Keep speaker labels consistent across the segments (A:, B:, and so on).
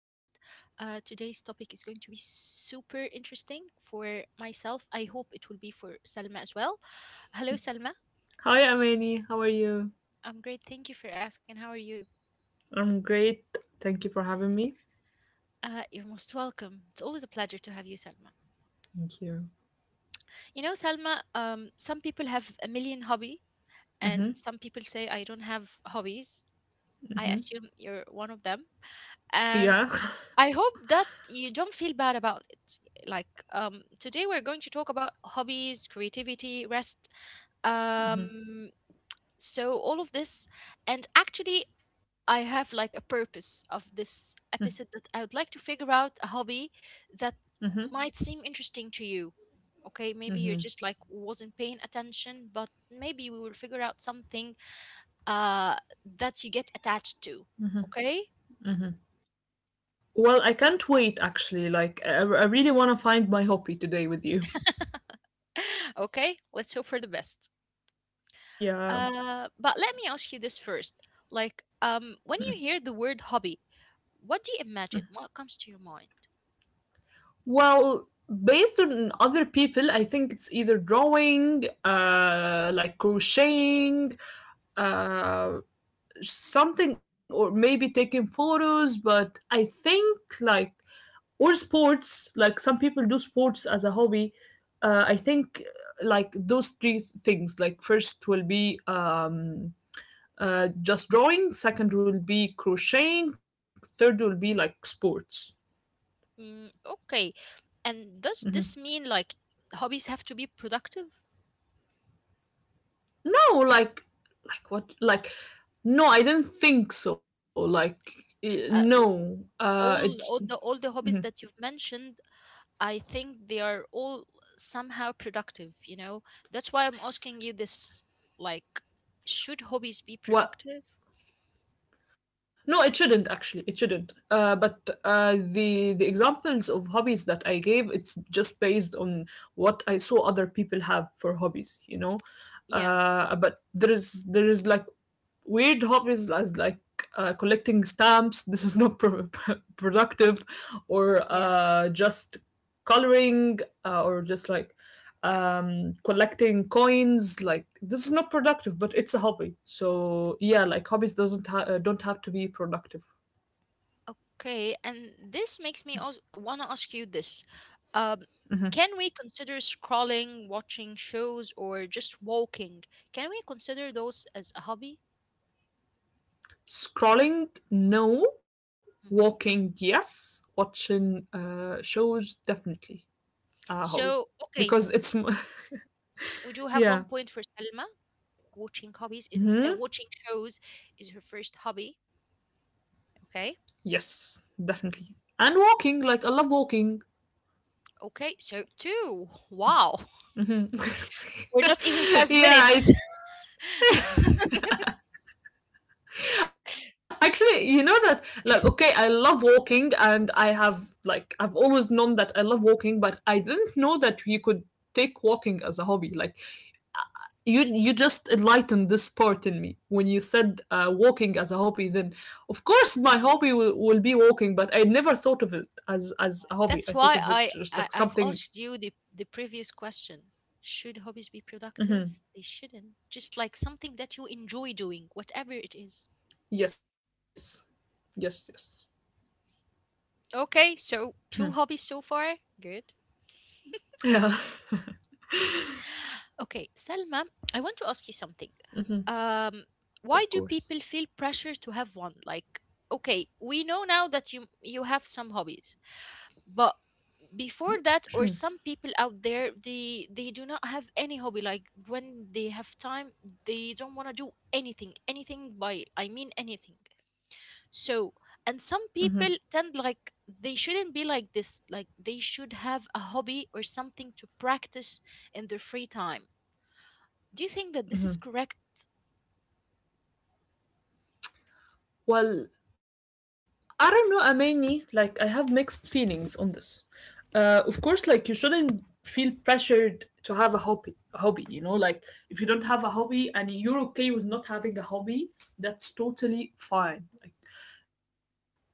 A: Today's topic is going to be super interesting for myself. I hope it will be for Salma as well. Hello, Salma.
B: Hi, Amani. How are you?
A: I'm great. Thank you for asking. How are you?
B: I'm great. Thank you for having me.
A: You're most welcome. It's always a pleasure to have you, Salma.
B: Thank you.
A: You know, Salma, some people have a million hobby, and
B: Hmm.
A: some people say I don't have hobbies.
B: Hmm.
A: I assume you're one of them.
B: Yeah.
A: I hope that you don't feel bad about it. Like today, we're going to talk about hobbies, creativity, rest. Um, so all of this, and actually, I have like a purpose of this episode that I would like to figure out a hobby that
B: Hmm.
A: might seem interesting to you. Okay, maybe you just like wasn't paying attention, but maybe we will figure out something uh that you get attached to. Okay,
B: Well, I can't wait actually. Like, I really want to find my hobby today with you.
A: okay, let's hope for the best.
B: Yeah.
A: But let me ask you this first. Like, when you hear the word hobby, what do you imagine? What comes to your mind?
B: Well, based on other people, I think it's either drawing, like crocheting, uh, something, or maybe taking photos. But I think like or sports, like some people do sports as a hobby. I think like those three things, like first will be just drawing, second will be crocheting, third will be like sports.
A: Mm, okay. And does this mean like hobbies have to be productive?
B: No, like, like what, like no, I didn't think so, like
A: Uh, w-
B: no
A: all,
B: it.
A: all the all the hobbies that you've mentioned, I think they are all somehow productive, you know? That's why I'm asking you this, like, should hobbies be productive?
B: What? No, it shouldn't actually. It shouldn't. But the examples of hobbies that I gave, it's just based on what I saw other people have for hobbies. You know,
A: Yeah,
B: but there is, like weird hobbies, as like collecting stamps. This is not productive, or
A: yeah.
B: just coloring, or just like collecting coins. Like this is not productive, but it's a hobby, so yeah, like hobbies doesn't don't have to be productive.
A: Okay, and this makes me also want to ask you this. Um, can we consider scrolling, watching shows, or just walking? Can we consider those as a hobby?
B: Scrolling, no. Walking,
A: Hmm.
B: yes. Watching shows, definitely a hobby.
A: So, okay,
B: Because it's
A: we do have
B: yeah.
A: one point for Selma. Watching hobbies is
B: Hmm.
A: watching shows is her first hobby. Okay,
B: Yes, definitely. And walking, like I love walking.
A: okay, so two. Wow,
B: Hmm.
A: we're not even five
B: Yeah,
A: minutes.
B: actually, you know that, like, okay, I love walking, and I have, like, I've always known that I love walking, but I didn't know that you could take walking as a hobby. Like, you just enlightened this part in me when you said walking as a hobby. Then, of course, my hobby
A: Yes.
B: will be walking, but I never thought of it as a hobby.
A: That's
B: I thought
A: why
B: of it
A: I,
B: just
A: I
B: like
A: I've
B: something.
A: asked you the previous question. Should hobbies be productive?
B: Mhm.
A: They shouldn't. Just like something that you enjoy doing, whatever it is.
B: Yes, yes, yes.
A: Okay, so two hobbies so far. Good.
B: Yeah,
A: Okay, Selma, I want to ask you something. Um, why do
B: of
A: people
B: course.
A: feel pressure to have one? Like, okay, we know now that you have some hobbies, but before that, or some people out there, they do not have any hobby, like when they have time they don't want to do anything. Anything, by I mean anything. So, and some people tend like they shouldn't be like this, like they should have a hobby or something to practice in their free time. Do you think that this is correct?
B: Well, I don't know, Amani. Like, I have mixed feelings on this. Of course, like you shouldn't feel pressured to have a hobby. A hobby, you know, like if you don't have a hobby and you're okay with not having a hobby, that's totally fine. Like,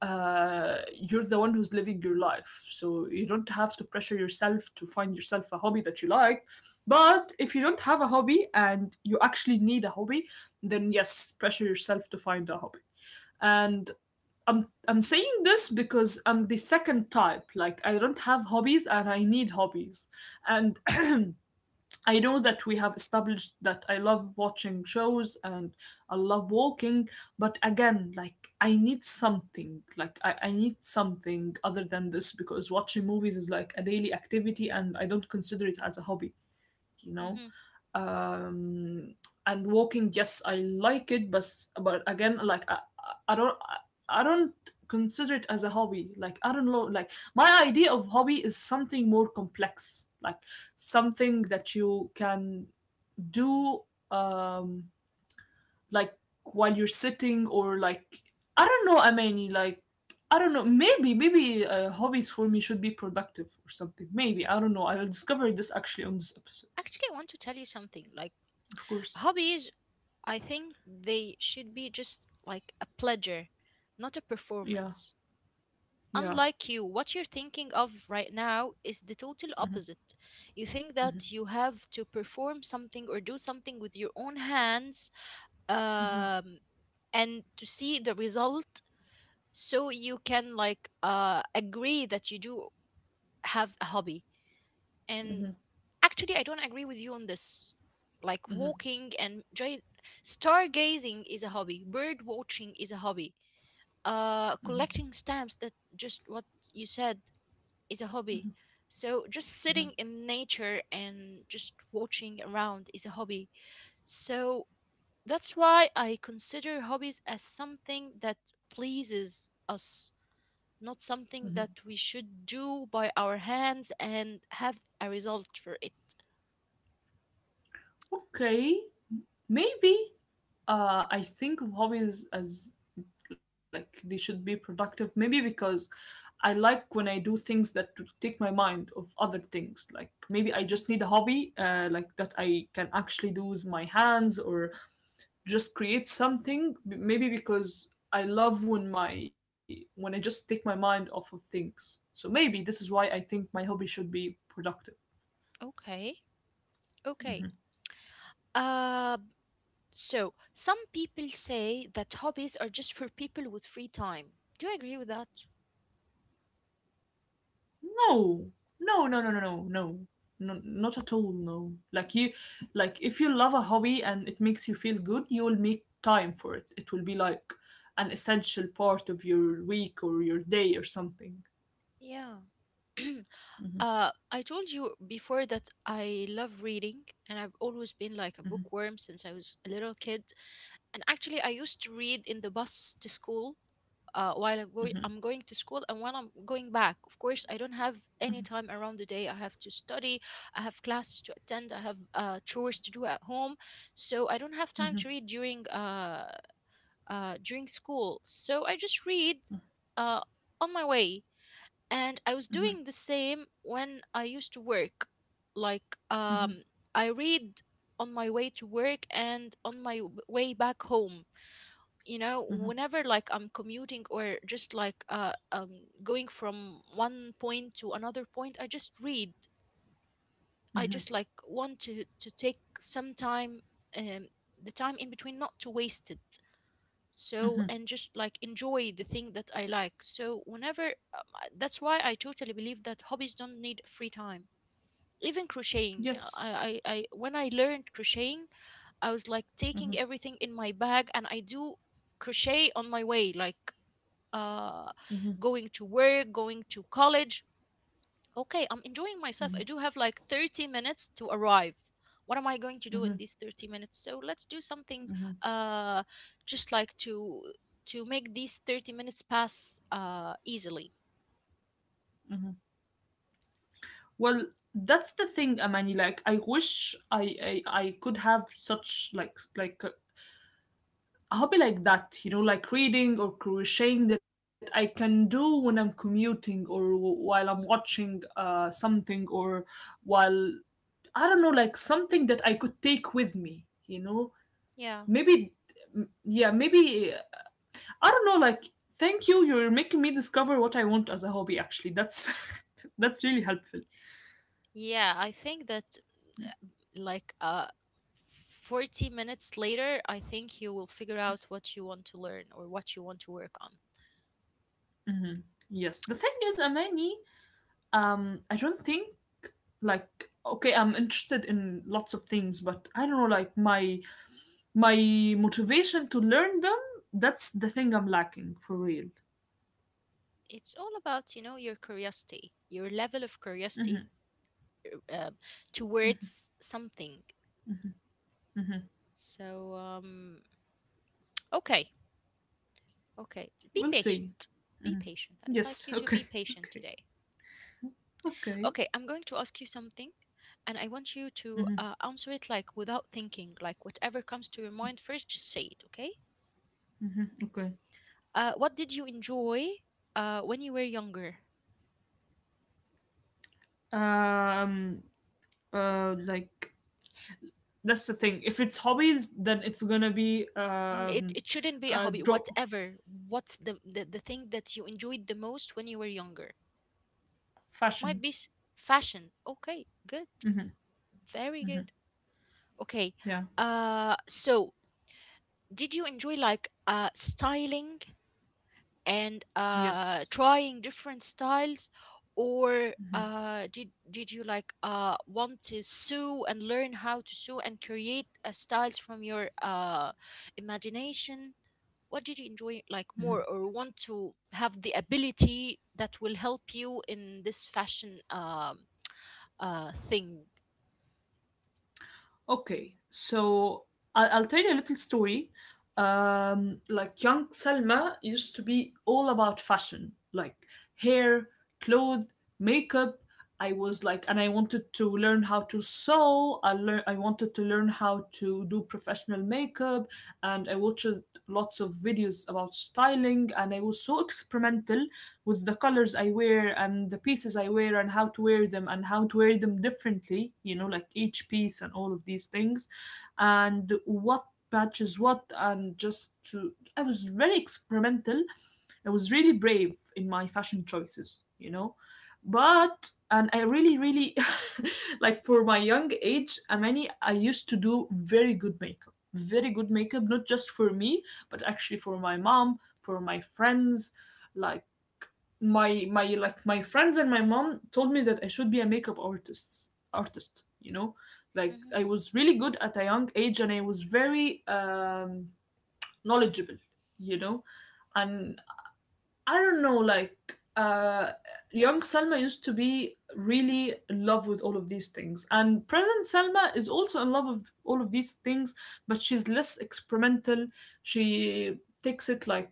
B: you're the one who's living your life, so you don't have to pressure yourself to find yourself a hobby that you like. But if you don't have a hobby and you actually need a hobby, then yes, pressure yourself to find a hobby. And I'm saying this because I'm the second type. Like I don't have hobbies and I need hobbies. And I know that we have established that I love watching shows and I love walking, but again, like I need something. Like I need something other than this, because watching movies is like a daily activity and I don't consider it as a hobby you know
A: Hmm.
B: um and walking, yes, I like it, but again, like I I don't consider it as a hobby. Like I don't know, like my idea of hobby is something more complex, like something that you can do, um like while you're sitting, or like I don't know. I mean, like I don't know. Maybe hobbies for me should be productive or something. Maybe, I don't know. I will discover this actually on this episode.
A: Actually, I want to tell you something. Like,
B: Of course.
A: hobbies, I think they should be just like a pleasure, not a
B: Yeah.
A: performance.
B: Yeah.
A: Unlike you, what you're thinking of right now is the total opposite. You think that you have to perform something or do something with your own hands, um, and to see the result, so you can like agree that you do have a hobby. And actually, I don't agree with you on this. Like, walking and joy, stargazing is a hobby. Bird watching is a hobby. Collecting stamps, that just what you said, is a hobby. So just sitting in nature and just watching around is a hobby. So that's why I consider hobbies as something that pleases us, not something that we should do by our hands and have a result for it.
B: Okay. Maybe I think of hobbies as like they should be productive. Maybe because I like when I do things that to take my mind of other things. Like maybe I
A: Hmm.
B: just need a hobby like that I can actually do with my hands, or just create something. Maybe because I love when I just take my mind off of things. So maybe this is why I think my hobby should be productive.
A: Okay. Okay. Uh, so some people say that hobbies are just for people with free time. Do you agree with that?
B: No, no, no, no, no, no, no, no, not at all. No, like you, like if you love a hobby and it makes you feel good, you will make time for it. It will be like an essential part of your week or your day or something.
A: Yeah.
B: Mhm.
A: I told you before that I love reading, and I've always been like a bookworm since I was a little kid. And actually, I used to read in the bus to school, I'm going to school and when I'm going back. Of course, I don't have any time around the day. I have to study, I have classes to attend, I have chores to do at home, so I don't have time to read during during school. So I just read uh, on my way, and I was doing the same when I used to work. Like I read on my way to work and on my way back home, you know, whenever like I'm commuting or just like going from one point to another point, I just read. I just like want to take some time, um the time in between, not to waste it. So, and just like enjoy the thing that I like. So whenever that's why I totally believe that hobbies don't need free time. Even crocheting, yeah,
B: Yes.
A: I when I learned crocheting I was like taking everything in my bag and I do crochet on my way, like uh, going to work, going to college. Okay, I'm enjoying myself. I do have like 30 minutes to arrive. What am I going to do
B: Hmm.
A: in these 30 minutes? So let's do something uh, just like to make these 30 minutes pass easily.
B: Hmm. Well, that's the thing, Amani. Like, I wish I could have such like a hobby like that, you know, like reading or crocheting that I can do when I'm commuting, or while I'm watching something, or while, I don't know, like something that I could take with me, you know?
A: Yeah.
B: Maybe, yeah, maybe, I don't know, like, thank you, you're making me discover what I want as a hobby, actually. That's, that's really helpful.
A: Yeah, I think that like 40 minutes later, I think you will figure out what you want to learn or what you want to work on.
B: Hmm. Yes. The thing is, Amani, I don't think. Like, okay, I'm interested in lots of things, but I don't know, like my motivation to learn them, that's the thing I'm lacking for real.
A: It's all about, you know, your curiosity, your level of curiosity
B: Mm-hmm.
A: uh, towards something.
B: Mm-hmm.
A: So, okay, okay. Be
B: We'll see.
A: patient. Be patient. I'd like
B: Yes,
A: you to
B: okay,
A: be patient
B: okay,
A: today.
B: okay.
A: Okay, I'm going to ask you something, and I want you to
B: Mm-hmm,
A: answer it like without thinking, like whatever comes to your mind first, just say it, okay?
B: mm-hmm, okay.
A: What did you enjoy when you were younger?
B: Um like that's the thing. If it's hobbies, then it's gonna be
A: N- It, it shouldn't be a hobby,
B: drop
A: whatever. What's the thing that you enjoyed the most when you were younger? It might
B: fashion.
A: be fashion. Okay, good.
B: Mm-hmm.
A: Very good. Okay.
B: Yeah.
A: So did you enjoy like styling and
B: Yes.
A: trying different styles, or did you like want to sew and learn how to sew and create styles from your imagination? What did you enjoy like more, or want to have the ability that will help you in this fashion thing?
B: Okay, so I'll tell you a little story. Like young Selma used to be all about fashion, like hair, clothes, makeup. I was like, and I wanted to learn how to sew. I wanted to learn how to do professional makeup, and I watched lots of videos about styling. And I was so experimental with the colors I wear and the pieces I wear and how to wear them and how to wear them differently, you know, like each piece and all of these things, and what matches what, and just to. I was very experimental. I was really brave in my fashion choices, you know. But and I really, really like for my young age, I mean, I used to do very good makeup, not just for me, but actually for my mom, for my friends. Like my like my friends and my mom told me that I should be a makeup artist, you know, like
A: Hmm.
B: I was really good at a young age. And I was very knowledgeable, you know. And I don't know, like, young Selma used to be really in love with all of these things, and present Selma is also in love with all of these things, but she's less experimental. She takes it like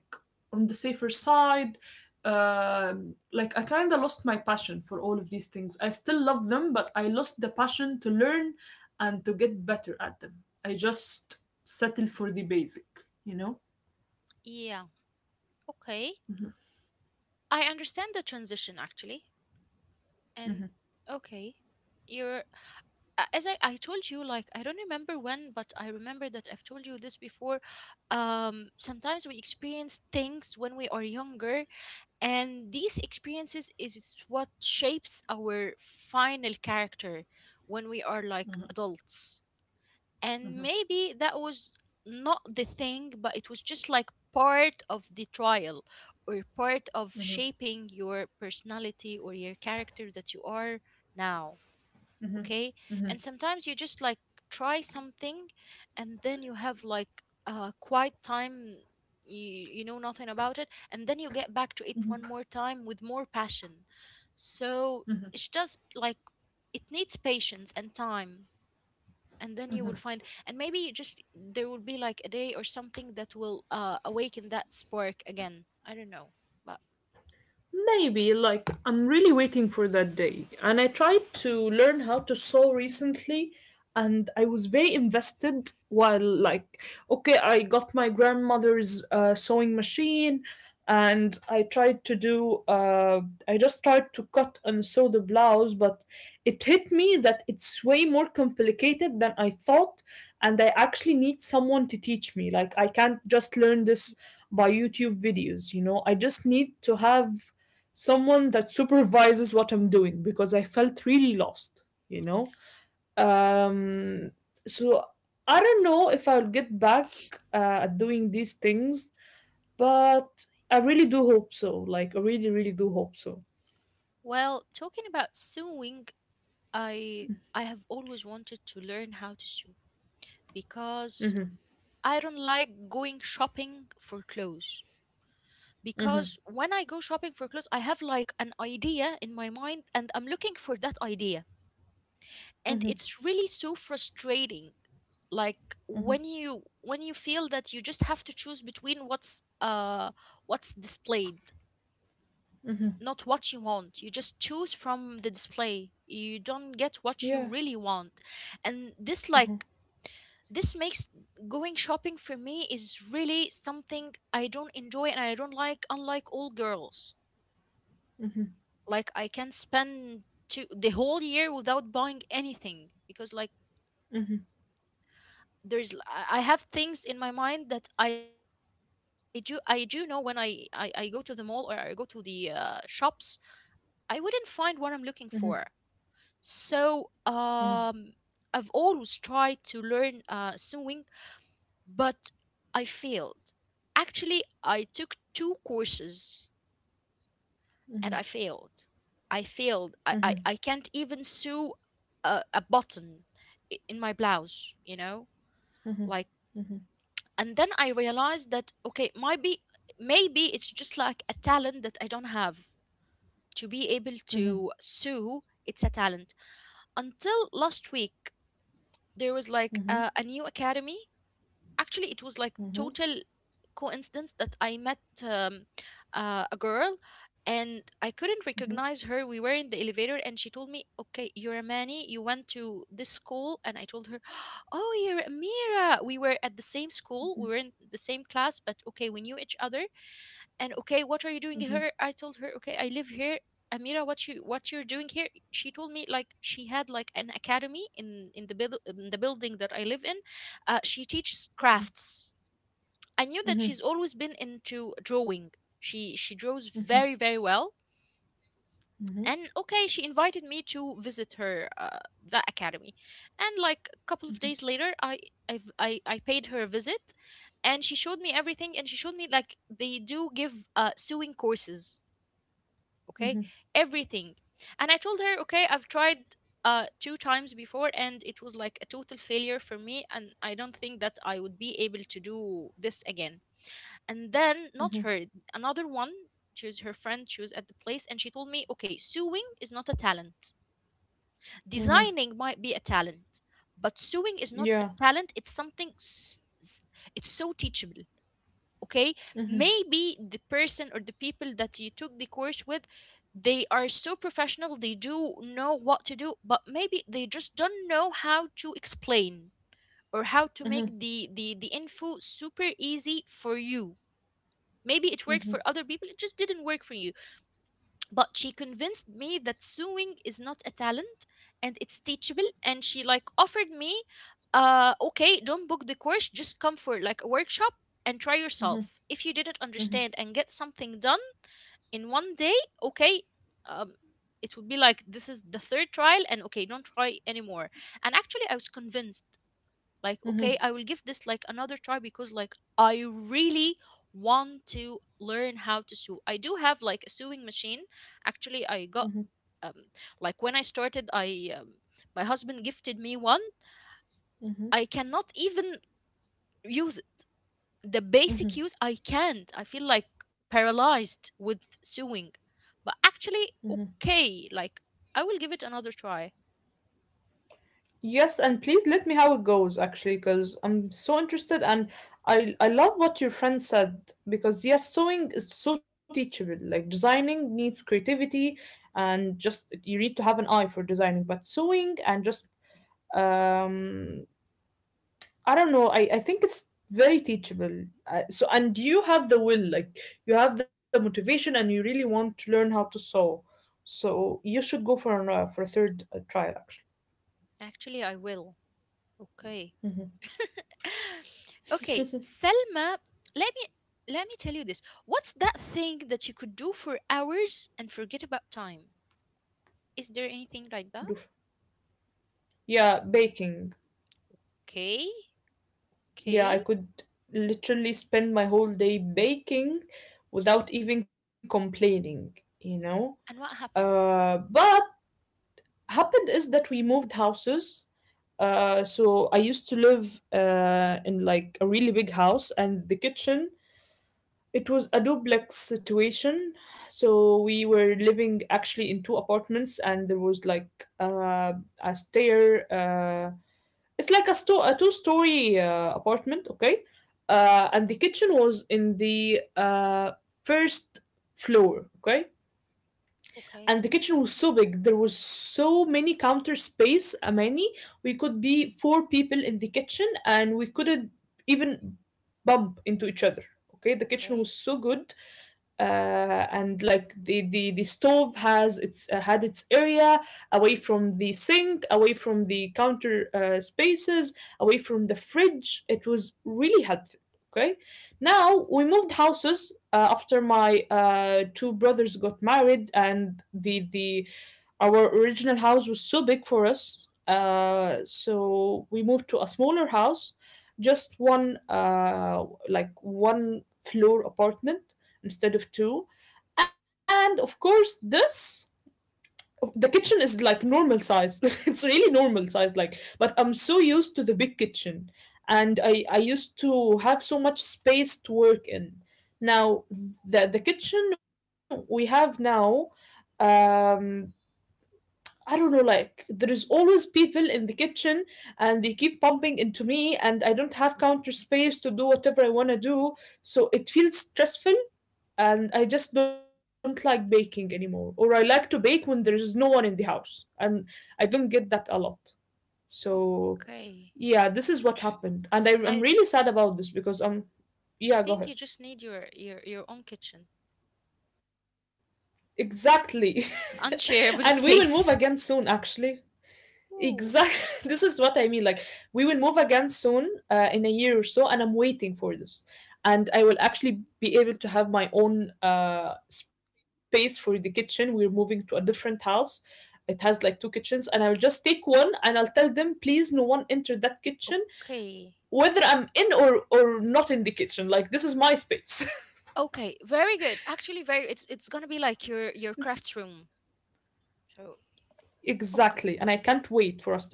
B: on the safer side. Like, I kind of lost my passion for all of these things. I still love them, but I lost the passion to learn and to get better at them. I just settle for the basic, you
A: Yeah. Okay. I understand the transition actually. And
B: know.
A: okay, you're as I told you, like I don't remember when, but I remember that I've told you this before. Sometimes we experience things when we are younger, and these experiences is what shapes our final character when we are like adults. And maybe that was not the thing, but it was just like part of the trial or part of shaping your personality or your character that you are now. Okay. And sometimes you just like try something, and then you have like a quiet time, you know nothing about it, and then you get back to it one more time with more passion. So it's just like it needs patience and time, and then you will find, and maybe just there will be like a day or something that will awaken that spark again, I don't know. But
B: Maybe, like, I'm really waiting for that day. And I tried to learn how to sew recently, and I was very invested while, like, okay, I got my grandmother's sewing machine, and I just tried to cut and sew the blouse, but it hit me that it's way more complicated than I thought, and I actually need someone to teach me. Like, I can't just learn this by YouTube videos, you know, I just need to have someone that supervises what I'm doing because I felt really lost, you know. Um, so I don't know if I'll get back uh, at doing these things, but I really do hope so. Like I really, really do hope so.
A: well, talking about sewing, I I have always wanted to learn how to sew, because
B: Mm-hmm.
A: I don't like going shopping for clothes,
B: Mm-hmm.
A: because when I go shopping for clothes I have like an idea in my mind and I'm looking for that idea, and it's really so frustrating. Like when you feel that you just have to choose between what's displayed, not what you want, you just choose from the display, you don't get what you
B: Yeah.
A: really want. And this
B: Mm-hmm.
A: like this makes going shopping for me is really something I don't enjoy and I don't like, unlike all girls. Like I can spend to the whole year without buying anything, because like
B: Mm-hmm.
A: there's, I have things in my mind that I do know when I go to the mall or I go to the shops, I wouldn't find what I'm looking for. So
B: Mm-hmm.
A: I've always tried to learn sewing, but I failed. Actually, I took two courses and I failed. I failed,
B: Mm-hmm.
A: I can't even sew a button in my blouse, you know, like. And then I realized that okay, might be, maybe it's just like a talent that I don't have. To be able
B: Mm-hmm.
A: to sew, it's a talent. Until last week, there was like
B: Mm-hmm.
A: a new academy. Actually, it was like
B: Mm-hmm.
A: total coincidence that I met a girl, and I couldn't
B: Mm-hmm.
A: recognize her. We were in the elevator and she told me, okay, you're a mani you went to this school. And I told her, oh, you're Amira, we were at the same school, we were in the same class. But okay, we knew each other. And okay, what are you doing
B: Mm-hmm. Mm-hmm.
A: here? I told her, okay, I live here. Amira, what you're doing here? She told me like she had like an academy in in the building that I live in she teaches crafts. I knew that
B: Mm-hmm.
A: she's always been into drawing. She draws
B: Mm-hmm.
A: very very well.
B: Mm-hmm.
A: And okay, she invited me to visit her that academy. And like a couple of days later, I I've, I paid her a visit, and she showed me everything, and she showed me like they do give sewing courses, okay,
B: Mm-hmm.
A: everything. And I told her, okay, I've tried two times before and it was like a total failure for me and I don't think that I would be able to do this again. And then not
B: Mm-hmm.
A: her, another one, she was her friend, she was at the place, and she told me, okay, sewing is not a talent,
B: mm-hmm.
A: designing might be a talent, but sewing is not a
B: Yeah.
A: talent, it's something it's so teachable. Okay,
B: Mm-hmm.
A: maybe the person or the people that you took the course with, they are so professional, they do know what to do, but maybe they just don't know how to explain or how to
B: Mm-hmm.
A: make the info super easy for you. Maybe it worked
B: Mm-hmm.
A: for other people, it just didn't work for you. But she convinced me that sewing is not a talent and it's teachable, and she like offered me, okay, don't book the course, just come for like a workshop and try yourself, if
B: Mm-hmm.
A: you didn't understand and
B: Mm-hmm.
A: get something done in 1 day. Okay. um it would be like this is the third trial and okay, don't try anymore. And actually I was convinced, like okay, I
B: Mm-hmm.
A: will give this like another try, because like I really want to learn how to sew. I do have like a sewing machine. Actually I got,
B: Mm-hmm.
A: um like when I started I my husband gifted me one. I
B: Mm-hmm.
A: cannot even use the basic
B: Mm-hmm.
A: use, I can't, I feel like paralyzed with sewing. But actually
B: Mhm.
A: okay, like I will give it another try.
B: Yes, and please let me how it goes actually, because I'm so interested. And I love what your friend said, because yes, sewing is so teachable. Like designing needs creativity and just you need to have an eye for designing, but sewing and just, um I don't know, I think it's very teachable. And you have the will, like you have the motivation and you really want to learn how to sew. So you should go for a third trial actually.
A: Actually I will. Okay.
B: Mhm.
A: Okay, Selma, let me let me tell you this. What's that thing that you could do for hours and forget about time? Is there anything like that?
B: Do Yeah, baking.
A: Okay,
B: Yeah, I
A: okay.
B: could literally spend my whole day baking without even complaining, you know?
A: And what happened?
B: But Happened is that we moved houses. So I used to live in like a really big house, and the kitchen, it was a duplex situation. So we were living actually in two apartments, and there was like a stair. It's like a two story apartment, okay? And the kitchen was in the first floor, okay?
A: Okay,
B: And the kitchen was so big, there was so many counter space, many. We could be four people in the kitchen and we couldn't even bump into each other, okay? The kitchen
A: okay,
B: was so good, uh, and like the stove has its had its area away from the sink, away from the counter spaces, away from the fridge. It was really helpful. Okay, now we moved houses after my two brothers got married, and the our original house was so big for us, so we moved to a smaller house, just one like one floor apartment instead of two. And of course, this the kitchen is like normal size. It's really normal size, like. But I'm so used to the big kitchen, and I used to have so much space to work in. Now the kitchen we have now, um, I don't know, like there is always people in the kitchen, and they keep bumping into me, and I don't have counter space to do whatever I wanna do. So it feels stressful, and I just don't like baking anymore. Or I like to bake when there is no one in the house, and I don't get that a lot. So
A: okay.
B: yeah, this is what happened, and I'm
A: I
B: really sad about this because
A: I
B: yeah, go
A: think
B: ahead.
A: you just need your own kitchen,
B: Exactly. And we will
A: unshareable
B: move again soon,
A: space.
B: actually. Exactly.
A: Ooh,
B: This is what I mean. Like, we will move again soon, in a year or so, and I'm waiting for this. And I will actually be able to have my own space for the kitchen. We're moving to a different house. It has like two kitchens, and I'll just take one and I'll tell them, please, no one enter that kitchen,
A: okay,
B: whether I'm in or not in the kitchen. Like, this is my space.
A: okay. Very good. Actually, very. It's gonna be like your crafts room. So
B: Exactly. And I
A: okay.
B: can't wait for us to move.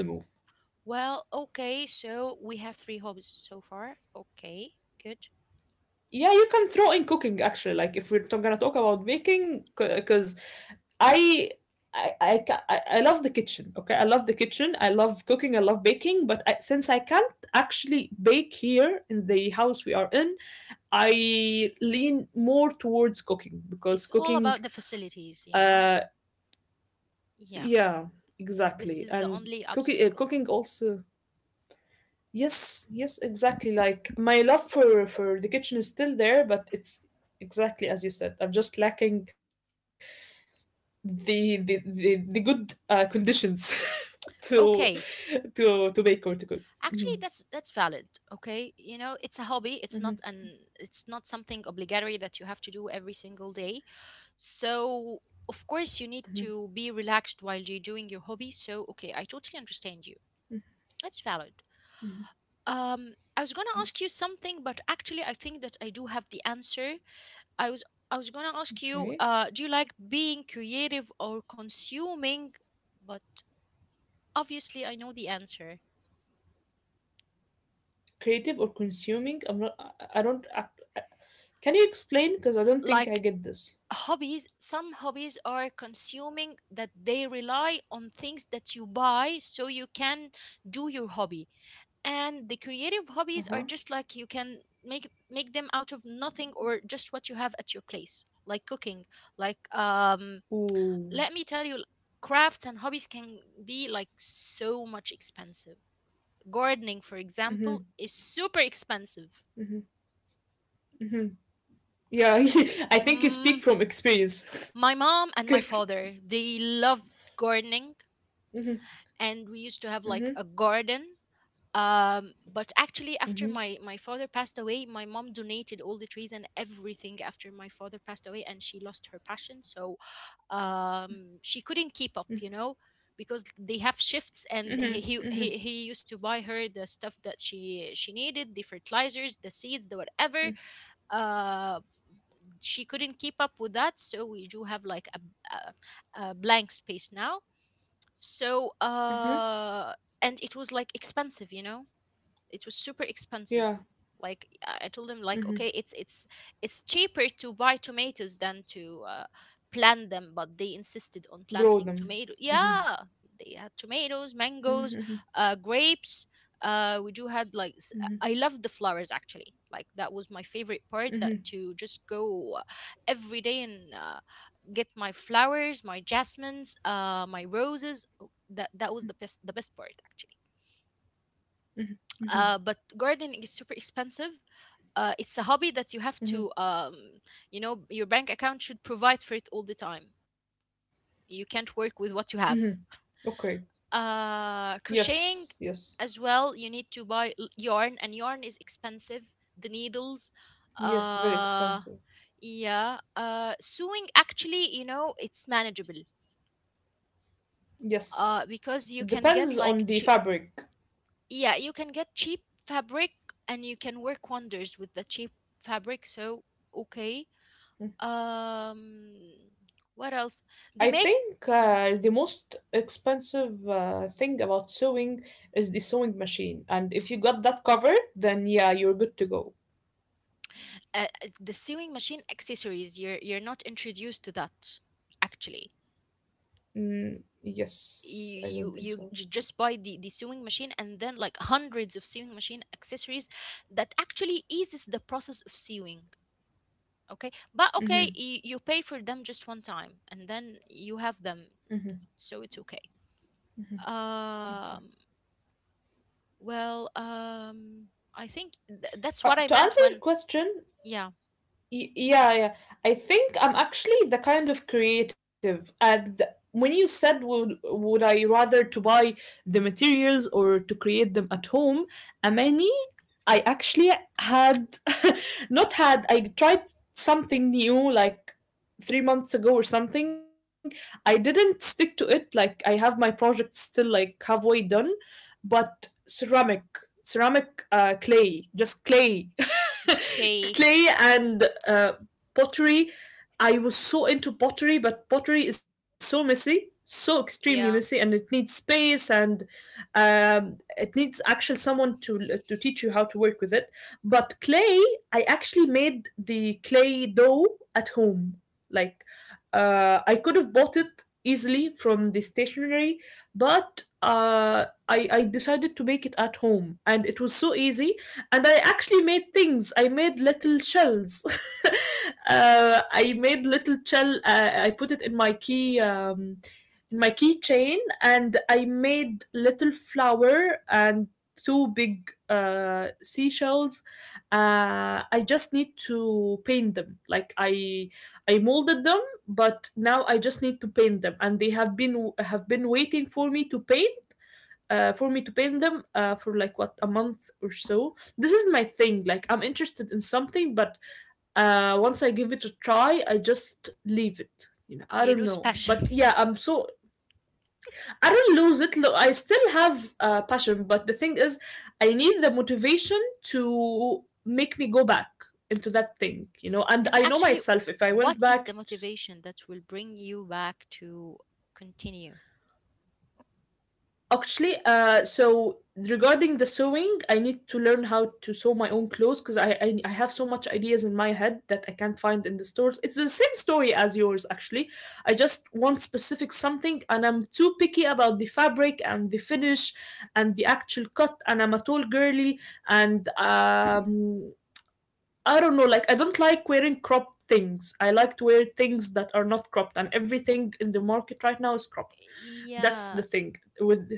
A: Well, okay, so we have three hobbies so far. Okay, good.
B: Yeah, you can throw in cooking actually. Like if we're gonna talk about baking, because I, I love the kitchen. Okay, I love the kitchen. I love cooking. I love baking. But I, since I can't actually bake here in the house we are in, I lean more towards cooking because
A: It's all
B: cooking,
A: about the facilities,
B: uh,
A: you know. Yeah.
B: yeah,
A: So
B: exactly,
A: this is the
B: and
A: only
B: cooking
A: obstacle.
B: also. Yes, yes, exactly. Like my love for the kitchen is still there, but it's exactly as you said. I'm just lacking the good conditions to
A: Okay.
B: to bake or to cook. Hmm
A: Actually, that's valid. Okay, you know, it's a hobby. It's
B: hmm
A: not an it's not something obligatory that you have to do every single day. So of course you need to be relaxed while you're doing your hobby. So okay, I totally understand you. That's valid. I was gonna ask you something, but actually, I think that I do have the answer. I was I was gonna ask you,
B: Okay,
A: do you like being creative or consuming? But obviously, I know the answer.
B: creative or consuming? I'm not. I don't. I, can you explain? Because I don't think I
A: Like
B: get this.
A: hobbies, some hobbies are consuming that they rely on things that you buy so you can do your hobby. And the creative
B: Uh
A: hobbies
B: huh.
A: are just like you can make them out of nothing or just what you have at your place, like cooking. Like
B: Ooh.
A: let me tell you, crafts and hobbies can be like so much expensive. Gardening, for example,
B: Hmm
A: is super expensive.
B: hmm hmm Yeah, I think you
A: Mm,
B: speak from experience.
A: my
B: Okay.
A: mom and my father, they loved gardening,
B: hmm
A: and we used to
B: hmm
A: have like a garden. But actually, after my father passed away, my mom donated all the trees and everything after my father passed away, and she lost her passion. So, she couldn't keep up, you know, because they have shifts,
B: hmm
A: and he used to buy her the stuff that she needed, the fertilizers, the seeds, the whatever, uh, she couldn't keep up with that. So we do have like a blank space now, so
B: hmm
A: and it was like expensive, you know, it was super expensive.
B: Yeah,
A: Like I told him, like okay, it's cheaper to buy tomatoes than to uh, plant them, but they insisted
B: grow
A: on
B: them.
A: planting tomato, yeah. They had tomatoes, mangoes,
B: Mhm,
A: grapes, we do had like s- I love the flowers actually, like that was my favorite part, that to just go uh, every day and uh, get my flowers, my jasmines, my roses. Oh, that that was the best, the best part actually.
B: mhm, mhm,
A: But gardening is super expensive. It's a hobby that you have to,
B: mhm,
A: you know, your bank account should provide for it all the time. You can't work with
B: mhm.
A: what you have.
B: Okay. Yes,
A: Crocheting
B: yes.
A: as well, you need to buy yarn, and yarn is expensive. The needles,
B: Yes, very
A: uh,
B: expensive.
A: yeah. Sewing actually, you know, it's manageable.
B: Yes.
A: Because you
B: It
A: can get
B: depends
A: like
B: on the fabric.
A: yeah, you can get cheap fabric and you can work wonders with the cheap fabric. So, okay. Um, what else? They
B: I
A: make
B: think
A: y-
B: the most expensive thing about sewing is the sewing machine. And if you got that covered, then yeah, you're good to go.
A: the sewing machine accessories. You're not introduced to that actually.
B: Mm, yes, I don't think so.
A: Just buy the sewing machine and then like hundreds of sewing machine accessories that actually eases the process of sewing. Okay, but
B: Mm-hmm,
A: okay, you pay for them just one time and then you have them,
B: mm-hmm.
A: so it's okay.
B: Okay.
A: Um, well, I think that's what I
B: To
A: meant
B: answer your
A: when,
B: question,
A: yeah,
B: y- yeah, yeah. I think I'm actually the kind of creative. And when you said, would I rather to buy the materials or to create them at home, Amani, I actually had, not had, I tried something new like 3 months ago or something. I didn't stick to it. Like, I have my project still like halfway done, but ceramic clay, just clay.
A: okay,
B: Clay and, pottery. I was so into pottery, but pottery is so messy, so extremely messy, and
A: yeah,
B: it needs space, and it needs actually someone to teach you how to work with it. But clay, I actually made the clay dough at home. Like I could have bought it easily from the stationery, but I decided to make it at home, and it was so easy, and I actually made things. I made little shells. Uh, I made little shell. I put it in my key, in my keychain, and I made little flower and two big seashells. I just need to paint them. Like I molded them, but now I just need to paint them, and they have been waiting for me to paint for me to paint them for like what a month or so. This is my thing. Like I'm interested in something, but once I give it a try, I just leave it. You know, I
A: you
B: don't
A: lose
B: know, but
A: passion.
B: yeah, I'm so— I don't lose it. Look, I still have passion, but the thing is, I need the motivation to make me go back into that thing. You know, and
A: And
B: I know
A: actually,
B: myself. If I went
A: what is the
B: back—
A: motivation that will bring you back to continue?
B: Actually, so regarding the sewing, I need to learn how to sew my own clothes because I, I have so much ideas in my head that I can't find in the stores. It's the same story as yours, actually. I just want specific something, and I'm too picky about the fabric and the finish and the actual cut. And I'm a tall girly, and I don't know, like I don't like wearing cropped things. I like to wear things that are not cropped, and everything in the market right now is cropped. That's the
A: Yeah,
B: thing with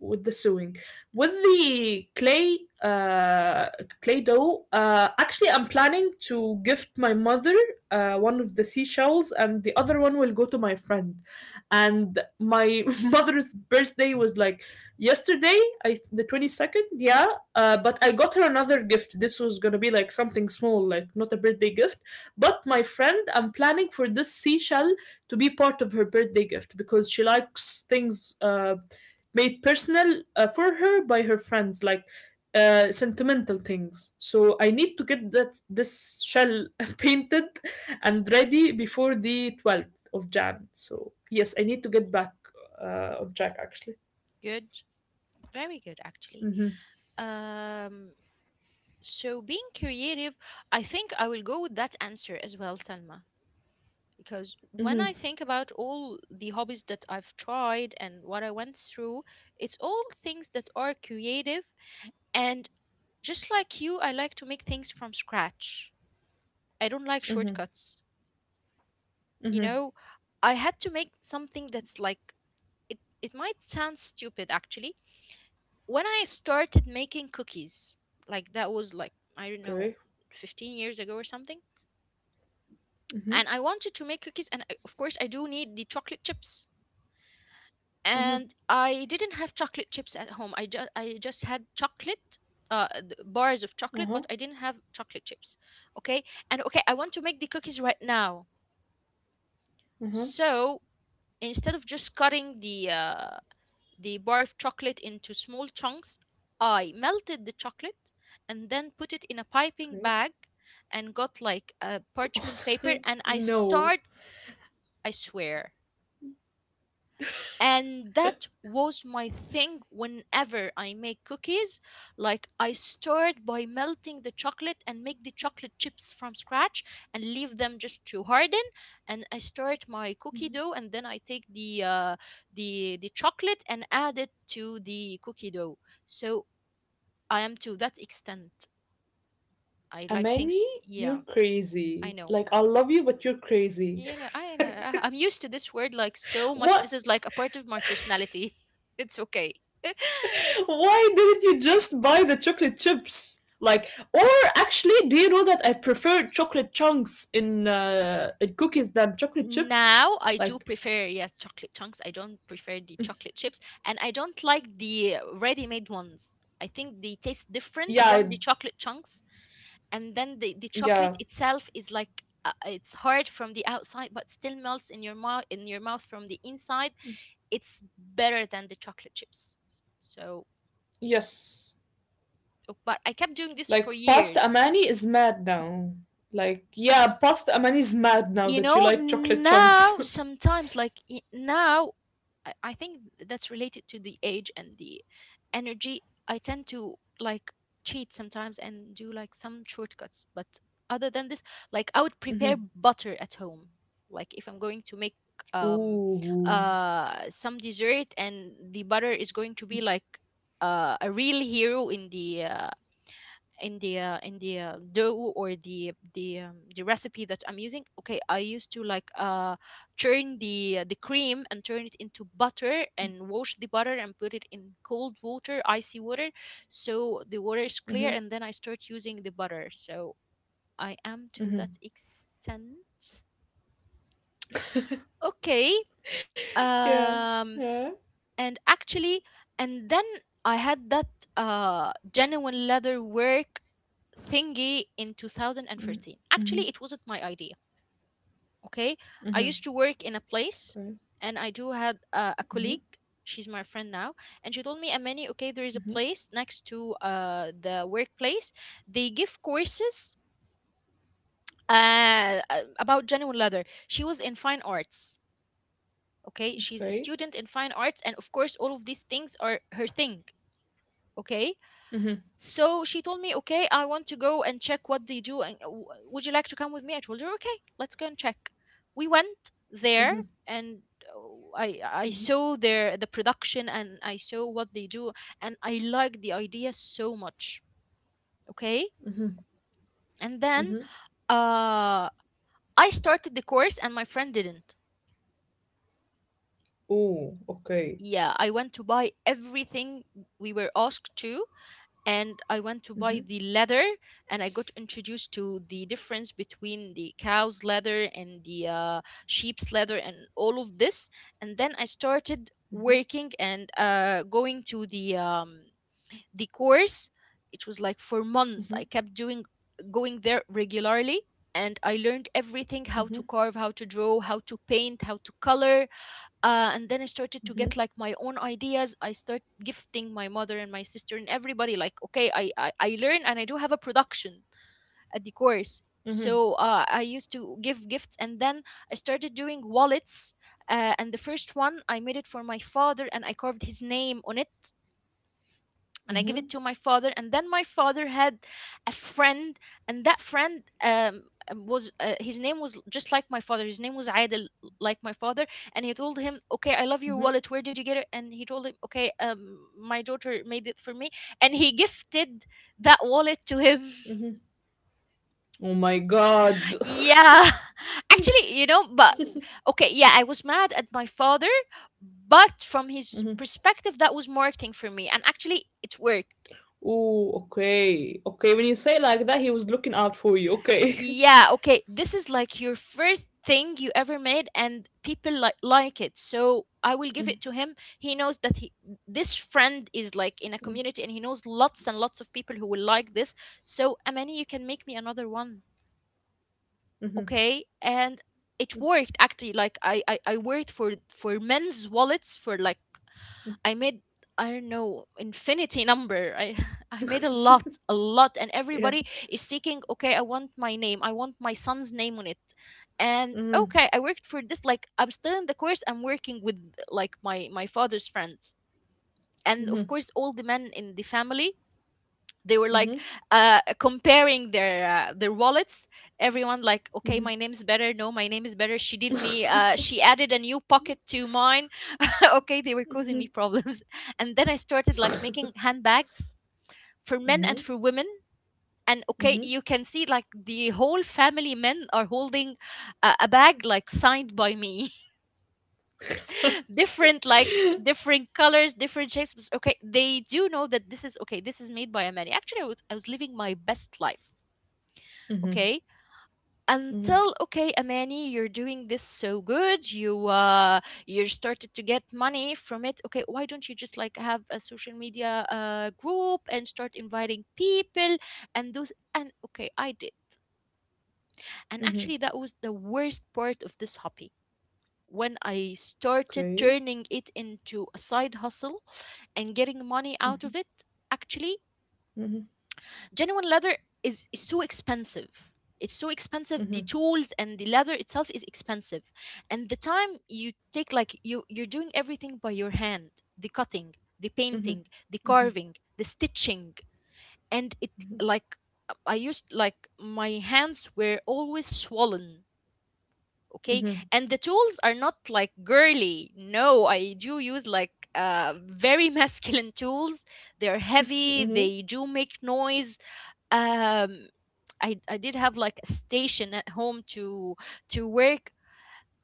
B: the sewing, with the clay, uh clay dough. Uh, actually, I'm planning to gift my mother one of the seashells, and the other one will go to my friend. And my mother's birthday was like yesterday, the 22nd, yeah. Uh, but I got her another gift. This was gonna be like something small, like not a birthday gift. But my friend, I'm planning for this seashell to be part of her birthday gift because she likes things made personal for her by her friends, like sentimental things. So I need to get that this shell painted and ready before the 12th of Jan. So yes, I need to get back on track actually.
A: good. Very good, actually.
B: Mm-hmm.
A: Um, so being creative, I think I will go with that answer as well, Salma, because when I think about all the hobbies that I've tried and what I went through, it's all things that are creative. And just like you, I like to make things from scratch. I don't like shortcuts. You know, I had to make something that's like, it might sound stupid actually. When I started making cookies, like that was like, I don't know,
B: Okay.
A: 15 years ago or something.
B: Mm-hmm.
A: And I wanted to make cookies, and I, of course, I do need the chocolate chips,
B: Mm-hmm.
A: and I didn't have chocolate chips at home. I just had chocolate bars of chocolate,
B: Uh-huh.
A: but I didn't have chocolate chips. Okay, and okay, I want to make the cookies right now.
B: Uh-huh.
A: So instead of just cutting the bar of chocolate into small chunks, I melted the chocolate and then put it in a piping bag and got like a parchment paper
B: Okay.
A: and I
B: No.
A: start. I swear. And that was my thing whenever I make cookies. Like, I start by melting the chocolate and make the chocolate chips from scratch and leave them just to harden. And I start my cookie dough and then I take the chocolate and add it to the cookie dough. So I am to that extent. I like things.
B: Amani,
A: Yeah,
B: you're
A: I
B: crazy.
A: know.
B: Like I love you, but you're crazy.
A: You know, I know. I'm used to this word like so much.
B: What?
A: This is like a part of my personality. It's okay.
B: Why didn't you just buy the chocolate chips? Like, or actually, do you know that I prefer chocolate chunks in, in cookies than chocolate chips?
A: Now I do
B: Like,
A: prefer, yes, chocolate chunks. I don't prefer the chocolate chips, and I don't like the ready-made ones. I think they taste different
B: yeah,
A: from
B: I—
A: the chocolate chunks, and then the chocolate
B: yeah,
A: itself is like it's hard from the outside, but still melts in your mouth from the inside. It's better than the chocolate chips. So,
B: yes.
A: oh, but I kept doing this for
B: Like, Pasta
A: years.
B: Amani is mad now. Like, yeah, Pasta Amani is mad now
A: You
B: that you
A: know,
B: like chocolate
A: now
B: chunks.
A: sometimes like now I think that's related to the age and the energy. I tend to like cheat sometimes and do like some shortcuts. But other than this, like I would prepare
B: hmm
A: butter at home. Like if I'm going to make um
B: Ooh.
A: some dessert and the butter is going to be like a real hero in the in the in the dough or the recipe that I'm using. Okay, I used to like churn the cream and turn it into butter and wash the butter and put it in cold water, icy water, so the water is clear,
B: Hmm
A: and then I start using the butter. So I am to
B: hmm
A: that extent. Okay.
B: Yeah.
A: Um
B: Yeah.
A: and actually and then I had that genuine leather work thingy in 2013.
B: Mm-hmm.
A: Actually, it wasn't my idea. Okay, I
B: Mm-hmm.
A: used to work in a place,
B: Okay.
A: and I do had a
B: Mm-hmm.
A: colleague. She's my friend now, and she told me, "Amani, okay, there is a place next to the workplace. They give courses about genuine leather." She was in fine arts. Okay, she's a
B: Okay.
A: student in fine arts, and of course, all of these things are her thing. Okay,
B: Mm-hmm.
A: so she told me, okay, I want to go and check what they do. And would you like to come with me? I told her, okay, let's go and check. We went there and uh, I I saw the production and I saw what they do and I liked the idea so much. Okay, and then
B: Mm-hmm.
A: uh I started the course and my friend didn't.
B: Ooh. Okay.
A: Yeah, I went to buy everything we were asked to, and I went to buy
B: Mm-hmm.
A: the leather, and I got introduced to the difference between the cow's leather and the sheep's leather and all of this. And then I started working and going to the course. It was like for months. I
B: Mhm,
A: kept doing going there regularly, and I learned everything: how to
B: mhm,
A: carve, how to draw, how to paint, how to color, and then I started to
B: mhm,
A: get like my own ideas. I start gifting my mother and my sister and everybody like, okay, I learn and I do have a production at the course.
B: mhm,
A: So I used to give gifts, and then I started doing wallets, and the first one I made it for my father, and I carved his name on it and I give
B: mhm,
A: it to my father. And then my father had a friend, and that friend was his name was just like my father. His name was Adel, like my father. And he told him, "Okay, I love your
B: mhm,
A: wallet. Where did you get it?" And he told him, "Okay, my daughter made it for me." And he gifted that wallet to him.
B: mhm. Oh my god.
A: Yeah, actually, but okay, yeah, I was mad at my father, but from his
B: Mhm.
A: perspective, that was marketing for me, and actually, it worked.
B: Oh, okay. Okay, when you say like that, he was looking out for you.
A: Yeah,
B: Okay.
A: okay, this is like your first thing you ever made and people like it, so I will give it to
B: Mhm,
A: him. He knows that he, this friend is like in a community, and he
B: mhm,
A: knows lots and lots of people who will like this. So, Amani, you can make me another one.
B: mhm.
A: Okay. And it worked, actually. Like I worked for men's wallets for like, I made, I don't know, infinity number. I I made a lot, and everybody
B: Yeah.
A: is seeking. Okay, I want my name. I want my son's name on it. And okay,
B: Mhm,
A: I worked for this. Like I'm still in the course. I'm working with like my father's friends, and of
B: mhm,
A: course all the men in the family. They were like
B: mhm,
A: comparing their wallets. Everyone like, okay, my name's better. No, my name is better. She did me. She added a new pocket to mine. Okay, they were causing me problems. And then I started like making handbags for men
B: mhm,
A: and for women. And okay,
B: mhm,
A: you can see like the whole family, men are holding a bag like signed by me. Different like different colors, different shapes. It's okay, they do know that this is okay, this is made by a man. Actually I was living my best life.
B: mhm,
A: Okay,
B: mhm,
A: until, okay, Amani, you're doing this so good, you you started to get money from it. Okay, why don't you just like have a social media group and start inviting people and those? And okay, I did. And
B: mhm.
A: actually, that was the worst part of this hobby, when I
B: Okay.
A: started turning it into a side hustle and getting money
B: Mhm,
A: out of it. Actually,
B: mhm,
A: genuine leather is so expensive. It's so
B: mhm,
A: expensive, the tools and the leather itself is expensive. And the time you take, like you're doing everything by your hand: the cutting, the
B: mhm,
A: painting, the
B: mhm,
A: carving, the stitching. And it like, I used, like my hands were always swollen.
B: mhm,
A: Okay. And the tools are not like girly. No, I do use like very masculine tools. They're
B: mhm,
A: heavy,
B: mhm,
A: they do make noise. um I did have like a station at home to work,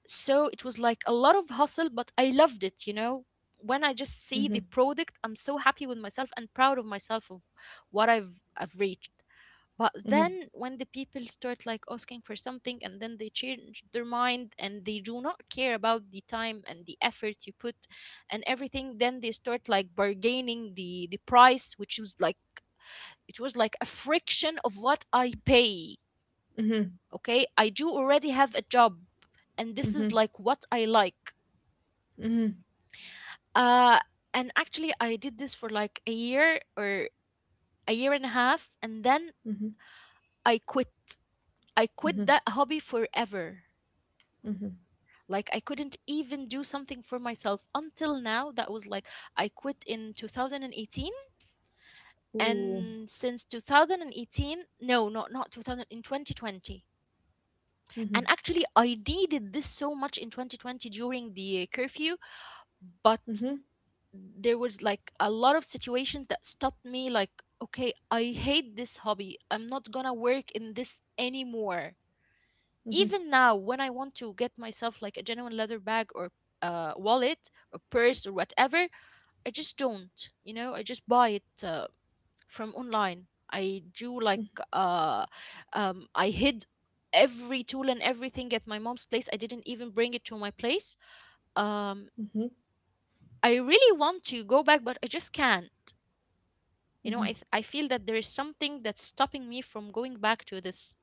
A: so it was like a lot of hustle, but I loved it, you know, when I just see the product, I'm so happy with myself and proud of myself of what I've reached. But
B: mhm,
A: then when the people start like asking for something and then they change their mind and they do not care about the time and the effort you put and everything, then they start like bargaining the price, which is like, it was like a friction of what I pay.
B: mhm,
A: Okay, I do already have a job, and this is like what I like.
B: mhm,
A: Uh, and actually, I did this for like a year or a year and a half, and then
B: mhm,
A: I quit. I quit that
B: mhm.
A: hobby forever. Like, I couldn't even do something for myself until now. That was like, I quit in 2018,
B: Ooh.
A: and since 2018, no, not, not 2000, in 2020. And
B: Mhm,
A: actually I needed this so much in 2020 during the curfew.
B: mhm,
A: But there was like a lot of situations that stopped me. Like, okay, I hate this hobby, I'm not gonna work in this anymore.
B: mhm,
A: Even now, when I want to get myself like a genuine leather bag or wallet or purse or whatever, I just don't, you know, I just buy it from online. I do like uh, I hid every tool and everything at my mom's place. I didn't even bring it to my place. Um,
B: mhm,
A: I really want to go back, but I just can't. You know, I
B: mhm.
A: I feel that there is something that's stopping me from going back to this.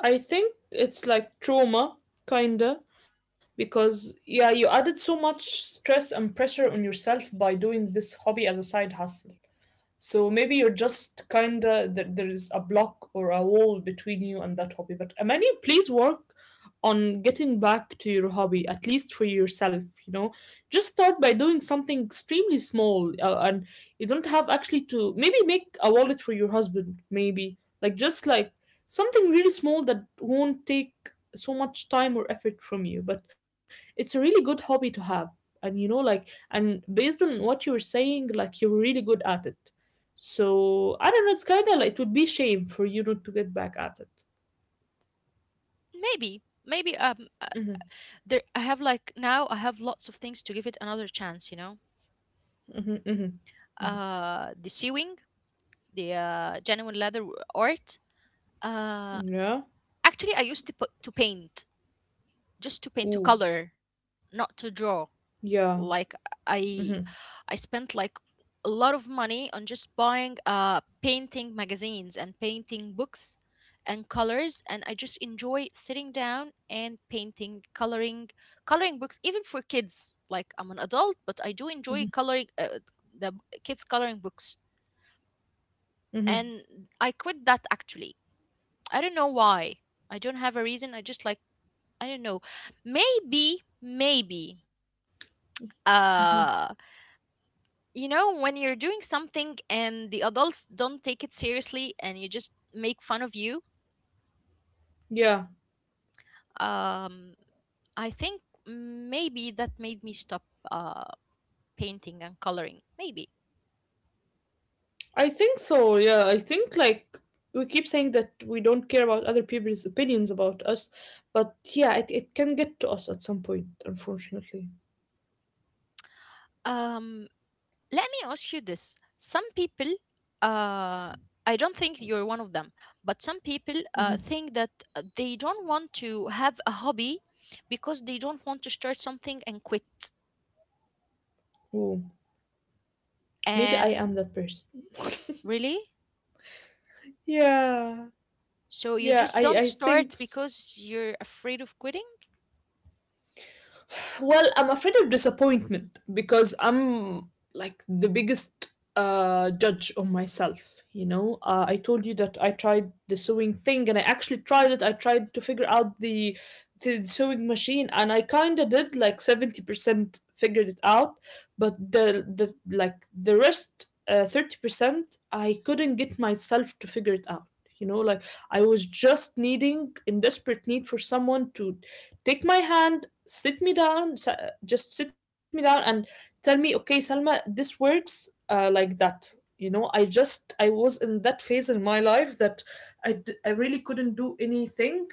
B: I think it's like trauma, kinda, because yeah, you added so much stress and pressure on yourself by doing this hobby as a side hustle. So maybe you're just kinda there, there is a block or a wall between you and that hobby. But Amani, please work on getting back to your hobby, at least for yourself. You know, just start by doing something extremely small, and you don't have actually to maybe make a wallet for your husband. Maybe like just like something really small that won't take so much time or effort from you. But it's a really good hobby to have, and you know, like and based on what you were saying, like you're really good at it, so I don't know. It's kind of like it would be shame for you not to get back at it.
A: Maybe, maybe
B: Mm-hmm,
A: there, I have like, now I have lots of things to give it another chance. You know,
B: mm-hmm, mm-hmm,
A: the sewing, the genuine leather art. Uh,
B: mm-hmm. Yeah.
A: actually, I used to paint, just to paint, to
B: Ooh.
A: color, not to draw.
B: Yeah.
A: Like,
B: Mm-hmm,
A: i I spent like a lot of money on just buying painting magazines and painting books and colors, and I just enjoy sitting down and painting, coloring. Coloring books, even for kids, like I'm an adult, but I
B: mm-hmm,
A: do enjoy coloring the b- kids' coloring books.
B: mm-hmm,
A: And I quit that, actually. I don't know why. I don't have a reason. I just like, I don't know. Maybe, maybe
B: mm-hmm.
A: uh you know, when you're doing something and the adults don't take it seriously and you just make fun of you.
B: Yeah.
A: um I think maybe that made me stop, uh painting and coloring, maybe.
B: I think so. Yeah. I think like we keep saying that we don't care about other people's opinions about us, but yeah, it can get to us at some point, unfortunately.
A: um let me ask you this. Some people, uh I don't think you're one of them, but some people
B: Mm-hmm.
A: think that they don't want to have a hobby because they don't want to start something and quit.
B: Ooh. Maybe I
A: And
B: am that person.
A: really?
B: Yeah.
A: So you
B: Yeah.
A: just
B: I
A: don't
B: I think.
A: start because you're afraid of quitting?
B: Well, I'm afraid of disappointment because I'm like the biggest judge of myself. You know, I told you that I tried the sewing thing, and I actually tried it. I tried to figure out the sewing machine, and I kind of did like 70% figured it out, but the like the rest 30% I couldn't get myself to figure it out. You know, like I was just needing in desperate need for someone to take my hand, sit me down, just sit me down and tell me, okay, Salma, this works, like that. You know, I just, I was in that phase in my life that I really couldn't do anything.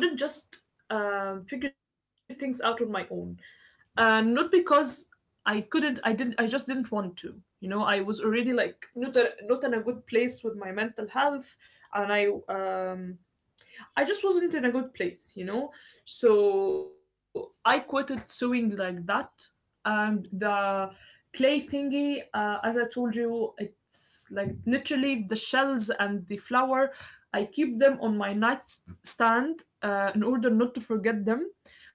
B: I couldn't just figure things out on my own, not because I couldn't, I didn't, I just didn't want to. You know, I was already like not a, not in a good place with my mental health, and I just wasn't in a good place, you know? So I quitted sewing like that. And the clay thingy, as I told you, it's like literally the shells and the flour. I keep them on my nightstand in order not to forget them.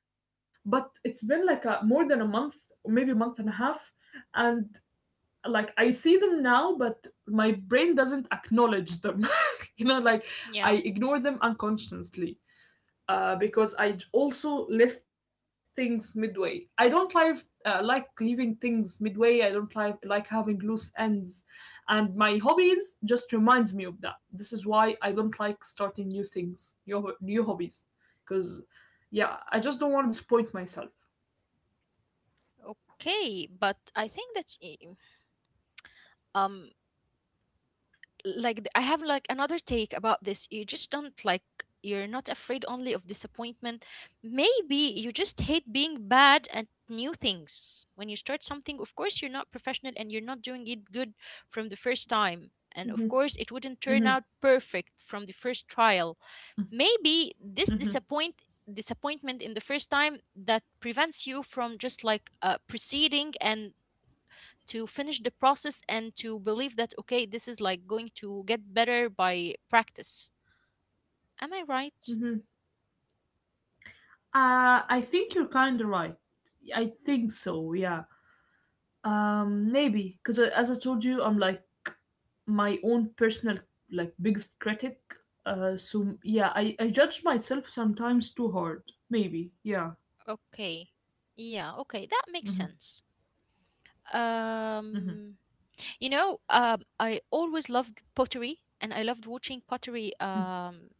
B: But it's been like more than a month, maybe a month and a half. And like I see them now, but my brain doesn't acknowledge them. you know, like I
A: Yeah.
B: ignore them unconsciously because also left things midway. I don't like leaving things midway. I don't like having loose ends, and my hobbies just reminds me of that. This is why I don't like starting new things, new hobbies, because yeah, I just don't want to disappoint myself.
A: Okay, but I think that's um like I have like another take about this. You just don't like, you're not afraid only of disappointment. Maybe you just hate being bad at new things. When you start something, of course you're not professional and you're not doing it good from the first time. And of
B: Hmm.
A: course it wouldn't turn
B: Hmm.
A: out perfect from the first trial. Maybe this
B: Hmm.
A: disappointment in the first time, that prevents you from just like proceeding and to finish the process and to believe that okay, this is like going to get better by practice. Am I right?
B: Hmm. I think you're kind of right. I think so. Yeah. Maybe because as I told you, I'm like my own personal like biggest critic. So yeah, I judge myself sometimes too hard. Maybe yeah.
A: Okay. Yeah, okay, that makes sense.
B: Hmm.
A: um you know, I always loved pottery and I loved watching pottery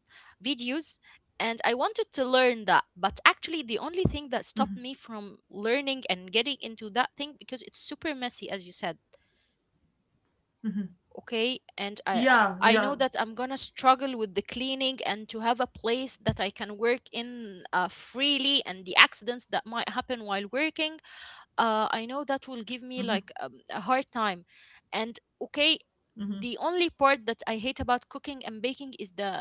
A: videos, and I wanted to learn that. But actually, the only thing that stopped me from learning and getting into that thing, because it's super messy as you said. Okay, and
B: Yeah,
A: I know
B: yeah.
A: that I'm gonna struggle with the cleaning and to have a place that I can work in freely, and the accidents that might happen while working, I know that will give
B: Hmm.
A: me like a hard time. And okay,
B: Hmm.
A: the only part that I hate about cooking and baking is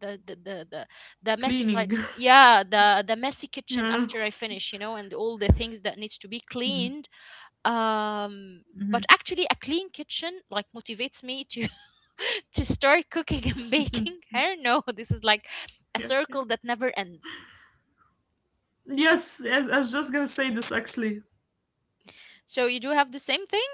A: the the the, the, the messy side.
B: Cleaning.
A: Yeah, the messy kitchen
B: Yeah.
A: after I finish, you know, and all the things that needs to be
B: Hmm.
A: cleaned. um,
B: Hmm.
A: but actually, a clean kitchen like motivates me to to start cooking and baking. I don't know. This is like a
B: Yeah, yeah.
A: circle that never ends.
B: Yes, yes. I was just gonna say this actually.
A: So you do have the same thing?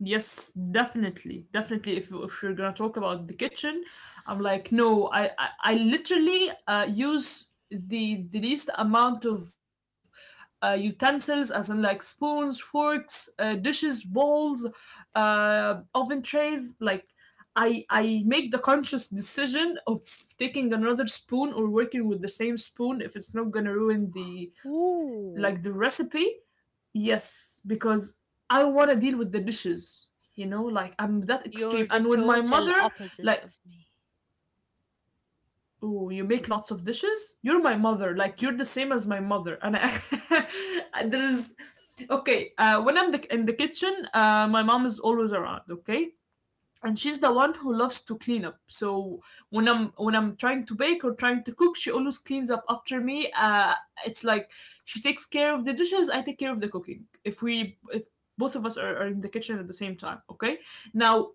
B: Yes, definitely, definitely. If you're gonna talk about the kitchen, I'm like, no, I literally use the least amount of utensils, as in like spoons, forks, dishes, bowls, oven trays. Like, I make the conscious decision of taking another spoon or working with the same spoon if it's not gonna ruin the
A: Ooh,
B: the recipe. Yes, because I want to deal with the dishes, you know, like I'm that extreme.
A: you're the
B: And when my
A: total
B: mother,
A: opposite
B: like,
A: of me.
B: oh, you make lots of dishes, you're my mother, like, you're the same as my mother. And I, and there is, okay, when in the kitchen, my mom is always around, okay? And she's the one who loves to clean up. So when I'm trying to bake or trying to cook, she always cleans up after me. It's like she takes care of the dishes, I take care of the cooking. If both of us are in the kitchen at the same time, okay. Now,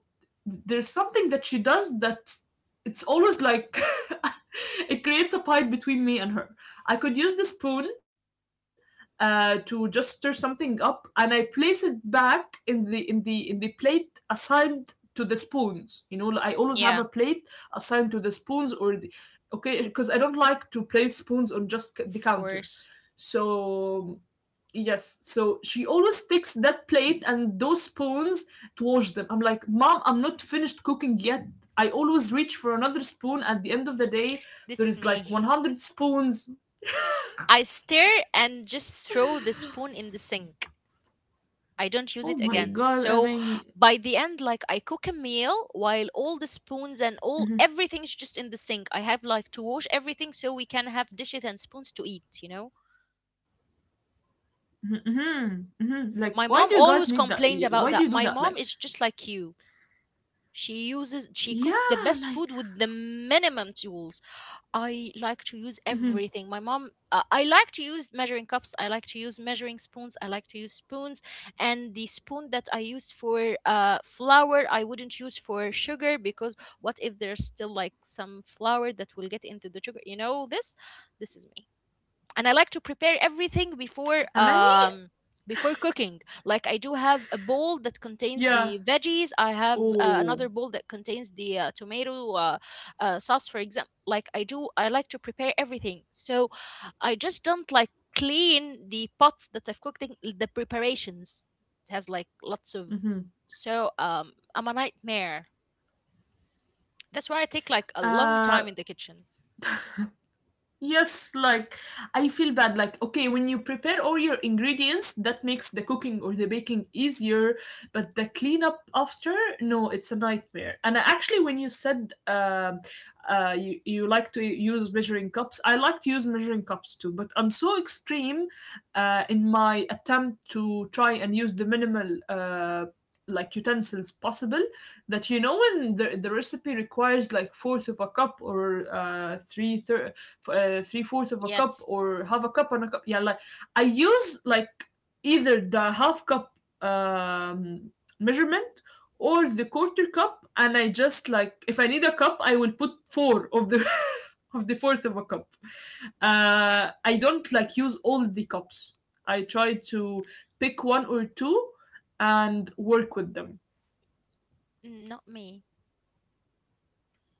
B: there's something that she does that it's always like it creates a fight between me and her. I could use the spoon to just stir something up, and I place it back in the plate assigned to the spoons. You know, I always have a
A: Yeah,
B: plate assigned to the spoons or the, okay, because I don't like to place spoons on just the
A: of
B: counter.
A: course.
B: So yes, so she always takes that plate and those spoons to wash them. I'm like, mom, I'm not finished cooking yet. I always reach for another spoon. At the end of the day,
A: This
B: there
A: is
B: is
A: me.
B: like 100 spoons.
A: I stare and just throw the spoon in the sink. I don't use
B: Oh
A: it
B: my
A: again.
B: god, I
A: So
B: mean.
A: by the end, like I cook a meal while all the spoons and all
B: Mhm,
A: everything's just in the sink. I have like to wash everything so we can have dishes and spoons to eat, you know?
B: mhm, mhm, mhm. Like, why do you
A: My
B: guys
A: mom
B: need that?
A: always
B: Why do
A: complained
B: you do
A: about
B: that?
A: that.
B: Like,
A: My mom is just like you. She uses she cooks the
B: yeah,
A: best food
B: like.
A: with the minimum tools. I like to use
B: Mm-hmm.
A: everything. My mom, I like to use measuring cups. I like to use measuring spoons. I like to use spoons. And the spoon that I used for flour, I wouldn't use for sugar because what if there's still like some flour that will get into the sugar? You know, this is me, and I like to prepare everything
B: Amani?
A: before before cooking. Like I do have a bowl that
B: Yeah.
A: contains the veggies. I have
B: Oh.
A: another bowl that contains the tomato sauce, for example. Like I like to prepare everything. So I just don't like clean the pots that I've cooked in, the preparations. It has like lots of
B: Mm-hmm.
A: so I'm a nightmare. That's why I take like a long
B: Uh,
A: time in the kitchen.
B: Yes, like I feel bad. Like, okay, when you prepare all your ingredients, that makes the cooking or the baking easier, but the cleanup after, no, it's a nightmare. And actually, when you said you, you like to use measuring cups, I like to use measuring cups too, but I'm so extreme in my attempt to try and use the minimal. Like utensils possible that, you know, when the recipe requires like fourth of a cup or three-fourths of a cup
A: Yes.
B: or half a cup and a cup. Yeah, like I use like either the half cup um, measurement or the quarter cup, and I just like if I need a cup, I will put four of the of the fourth of a cup. I don't like use all the cups. I try to pick one or two and work with them.
A: Mm, not me.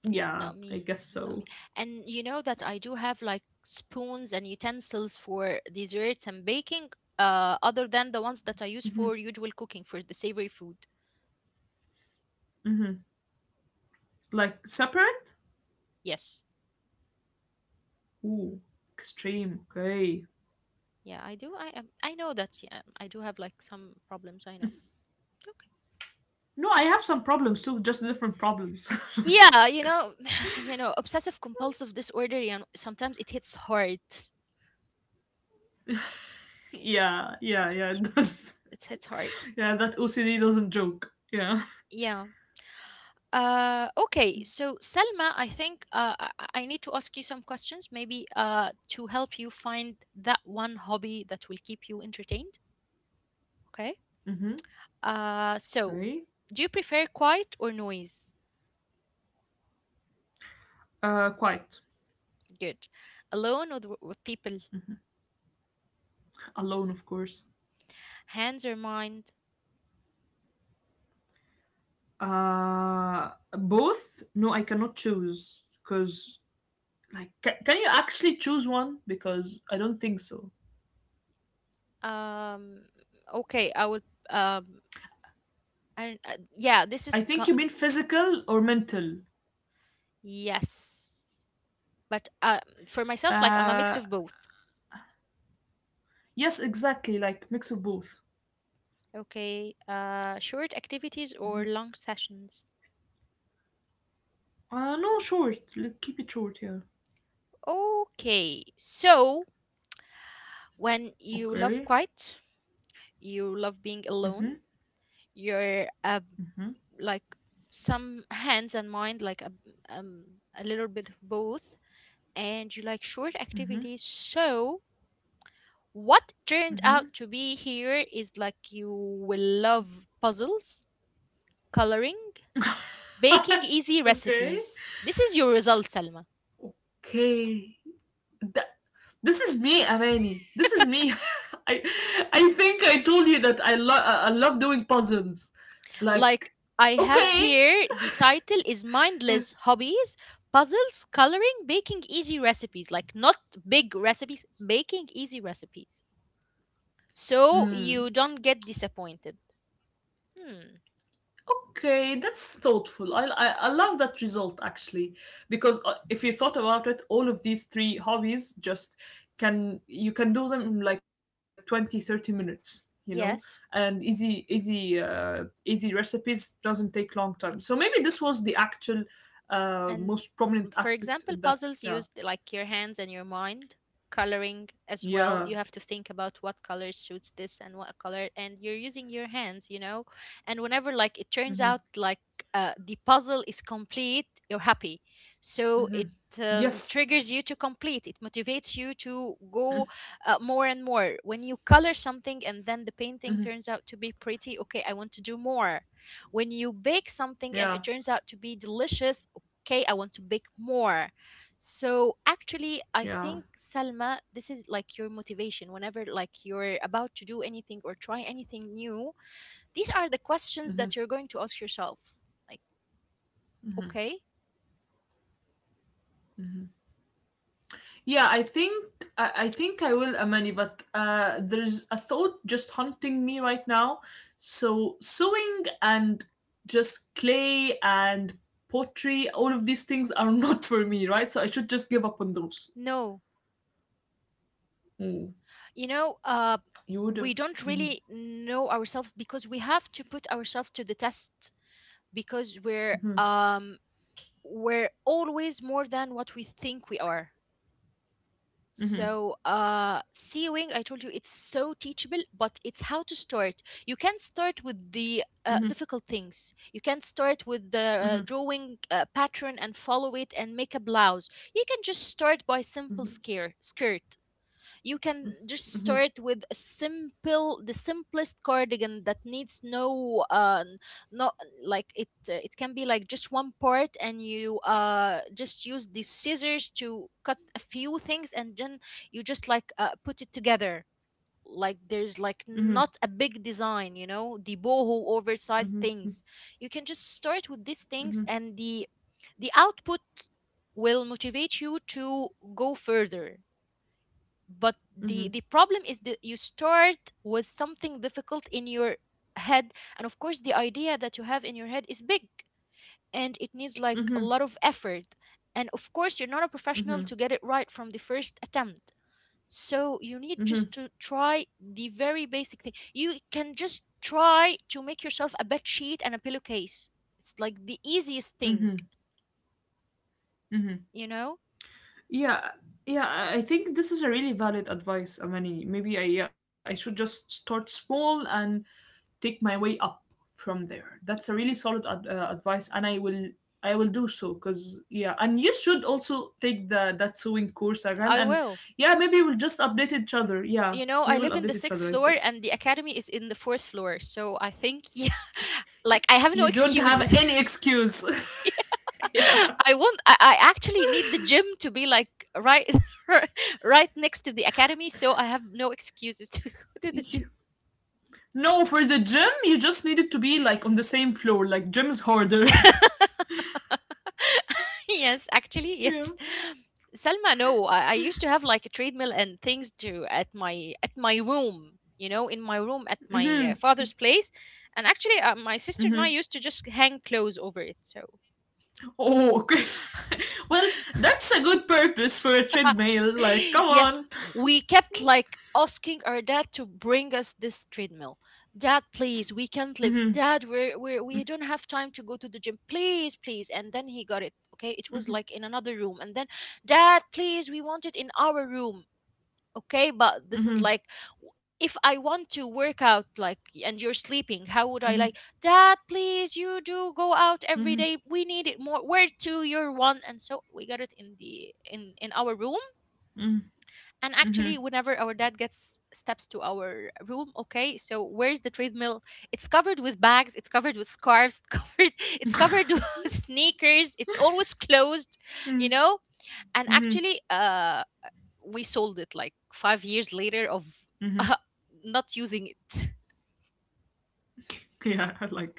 B: Yeah,
A: Not
B: I
A: me.
B: guess
A: Not me.
B: so.
A: And you know that I do have like spoons and utensils for desserts and baking, other than the ones that I use
B: Hmm.
A: for usual cooking for the savory food.
B: Hmm. Like separate?
A: Yes.
B: Ooh, extreme. Okay.
A: Yeah, I do. I am. I know that. Yeah, I do have like some problems. I know. Okay.
B: No, I have some problems too, just different problems. Like,
A: Yeah, you know, you know, obsessive compulsive disorder. You know, sometimes it hits hard. Yes,
B: yeah, yeah, yeah.
A: It's-
B: It does.
A: it hits hard.
B: Yeah, that OCD doesn't joke. Yeah.
A: Yeah. Okay, so Selma, I think I need to ask you some questions, maybe to help you find that one hobby that will keep you entertained. Okay.
B: Mm-hmm.
A: So,
B: Okay.
A: do you prefer quiet or noise?
B: Quiet.
A: Good. Alone or with people?
B: Alone, of course.
A: Hands or mind?
B: Uh, Both. No, I cannot choose because, like, can you actually choose one? Because I don't think so.
A: Um, okay, I will. Um, I don't, yeah, this is
B: I
A: co-
B: think you mean physical or mental.
A: yes, but for myself, like I'm a mix
B: Uh,
A: of both.
B: yes, exactly. Like mix of both.
A: Okay, short activities or long sessions?
B: No, short. Like, keep it short. Yeah.
A: Okay, so when you love
B: Okay.
A: quiet, you love being alone,
B: Mm-hmm.
A: you're
B: Mm-hmm.
A: like some hands and mind, like um, a little bit of both, and you like short
B: Mm-hmm.
A: activities. So, what turned
B: Mm-hmm.
A: out to be here is like you will love puzzles, coloring, baking easy
B: Okay.
A: recipes. This is your result, Salma.
B: Okay. That, this is me, Amani. This is me. I I think I told you that I love doing puzzles.
A: Like
B: Like
A: I have
B: okay.
A: here, the title is Mindless Hobbies, Puzzles, Coloring, Baking Easy Recipes. Like not big recipes, baking easy recipes. So
B: Mm.
A: you don't get disappointed. Hmm.
B: Okay, that's thoughtful. I love that result actually, because if you thought about it, all of these three hobbies just can you can do them in like 20-30 minutes, you know, and
A: Yes.
B: easy, easy, easy recipes doesn't take long time. So maybe this was the actual
A: And
B: most prominent
A: for
B: aspect in
A: example,
B: that.
A: puzzles
B: Yeah,
A: use like your hands and your mind. Coloring as well,
B: yeah,
A: you have to think about what color suits this and what color, and you're using your hands, you know. And whenever like it turns
B: mm-hmm.
A: out like the puzzle is complete, you're happy. So
B: Mm-hmm.
A: it
B: Yes,
A: triggers you to complete. It motivates you to go more and more. When you color something and then the painting turns out to be pretty, okay, I want to do more when you bake something and
B: yeah,
A: it turns out to be delicious, okay, I want to bake more. So actually I
B: yeah.
A: think Salma, this is like your motivation whenever like you're about to do anything or try anything new. These are the questions that you're going to ask yourself, like, okay,
B: Yeah, I think I think I will, Amani, but there's a thought just haunting me right now. So sewing and just clay and pottery, all of these things are not for me, right? So I should just give up on those.
A: no,
B: Mm.
A: you know,
B: You would have.
A: we don't
B: Mhm,
A: really know ourselves because we have to put ourselves to the test because we're
B: mhm,
A: um we're always more than what we think we are.
B: mhm,
A: So, C I told you it's so teachable, but it's how to start. You can start with the
B: mhm,
A: difficult things. You can start with the
B: mhm,
A: drawing pattern and follow it and make a blouse. You can just start by skirt. You can just
B: mhm, mhm,
A: start with a simple the simplest cardigan that needs not like it can be like just one part and you just use the scissors to cut a few things, and then you just like put it together. Like there's like
B: mhm,
A: not a big design, you know, the boho oversized
B: mhm, mhm,
A: things. You can just start with these things
B: mhm,
A: and the output will motivate you to go further. But the
B: mhm,
A: the problem is that you start with something difficult in your head, and of course the idea that you have in your head is big and it needs like a
B: mhm,
A: lot of effort, and of course you're not a professional to get it right from the first attempt. So you need
B: mhm, mhm,
A: just
B: mhm,
A: to try the very basic thing. You can just try to make yourself a bed sheet and a pillowcase. It's like the easiest thing,
B: mhm, mhm.
A: you know.
B: Yeah, yeah, I think this is a really valid advice, Amani. Maybe I Yeah, I should just start small and take my way up from there. That's a really solid advice, and I will do so. Because yeah, and you should also take the that sewing course again,
A: I
B: and
A: will.
B: yeah, maybe we'll just update each other. Yeah,
A: You know,
B: we
A: I
B: will
A: live in the
B: update each
A: sixth
B: other. I
A: floor
B: think
A: and the academy is in the fourth floor. So I think, yeah, like I have no
B: you don't have
A: excuses.
B: any excuse.
A: Yeah.
B: Yeah.
A: I want, I actually need the gym to be like right, right next to the academy. So I have no excuses to go
B: You-
A: to the gym.
B: no, for the gym, you just needed to be like on the same floor. Like gym is harder.
A: Yes, actually,
B: Yeah.
A: yes. Selma, no, I used to have like a treadmill and things to at my room, you know, in my room at my
B: Mhm.
A: father's place, and actually, my sister and I
B: Mhm.
A: used to just hang clothes over it. So
B: Oh, okay. Well, that's a good purpose for a treadmill. Like, come
A: yes,
B: on.
A: we kept like asking our dad to bring us this treadmill. Dad, please, we can't live.
B: Mhm.
A: Dad, we don't have time to go to the gym. Please, please. And then he got it. Okay, it was
B: Mhm.
A: like in another room. And then, Dad, please, we want it in our room. Okay, but this is
B: Mhm.
A: like w- if I want to work out, like, and you're sleeping, how would I
B: Mhm.
A: like, Dad, please, you do go out every
B: Mhm.
A: day, we need it more where to your one. And so we got it in the in our room.
B: Mhm.
A: And actually
B: Mhm.
A: whenever our dad gets steps to our room, okay, so where's the treadmill? It's covered with bags, it's covered with scarves, covered, it's covered with sneakers, it's always closed, you
B: Mhm.
A: know. And
B: Mhm.
A: actually we sold it like 5 years later of
B: Mhm.
A: not using it.
B: Yeah. Like,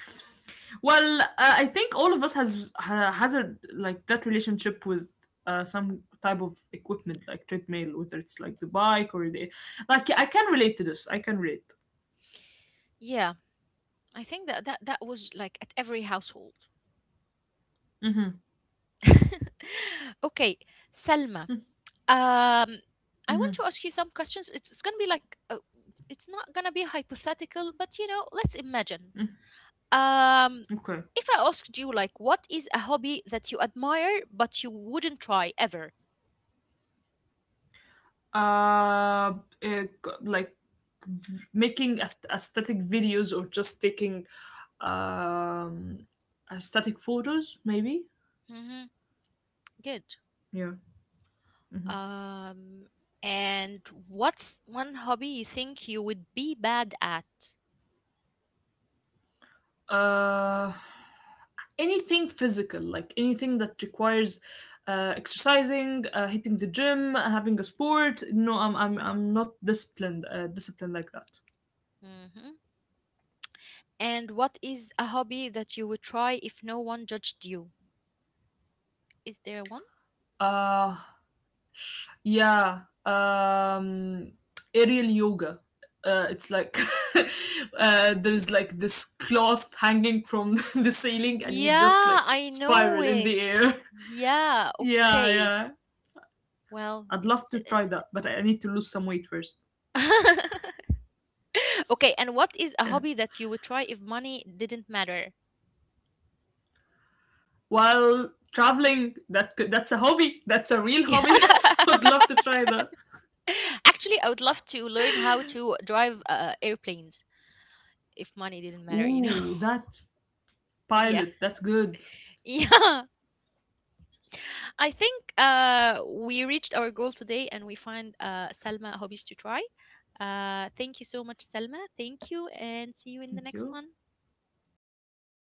B: well, I think all of us has a like that relationship with some type of equipment like treadmill, whether it's like the bike or the like. I can relate to this. I can relate.
A: Yeah, I think that that was like at every household.
B: Mhm.
A: Okay, Selma. Um, I want
B: Mhm.
A: to ask you some questions. It's gonna be like it's not gonna be hypothetical, but you know, let's imagine. Um,
B: Okay.
A: if I asked you like, what is a hobby that you admire but you wouldn't try ever?
B: uh, uh like, making aesthetic videos or just taking um aesthetic photos maybe.
A: Hmm. Good.
B: Yeah. Mhm.
A: Um, and what's one hobby you think you would be bad at?
B: uh Anything physical, like anything that requires exercising, hitting the gym, having a sport. No, I'm not disciplined, disciplined like that.
A: Hmm. And what is a hobby that you would try if no one judged you? Is there one?
B: uh Yeah, aerial yoga. It's like there's like this cloth hanging from the ceiling, and you just
A: Yeah,
B: like
A: I know
B: spiral in
A: it.
B: the air.
A: Yeah,
B: Yeah,
A: okay.
B: yeah.
A: Well,
B: I'd love to try that, but I need to lose some weight first.
A: okay. And what is a
B: Yeah.
A: hobby that you would try if money didn't matter?
B: While traveling, that that's a hobby. That's a real hobby.
A: Yeah.
B: I'd love to try that.
A: Actually, I would love to learn how to drive airplanes if money didn't matter, you know?
B: Ooh, that
A: Yeah.
B: pilot. That's good.
A: Yeah. I think we reached our goal today and we find Selma hobbies to try. Thank you so much, Selma. Thank you and see you in the
B: Thank
A: next
B: you.
A: one.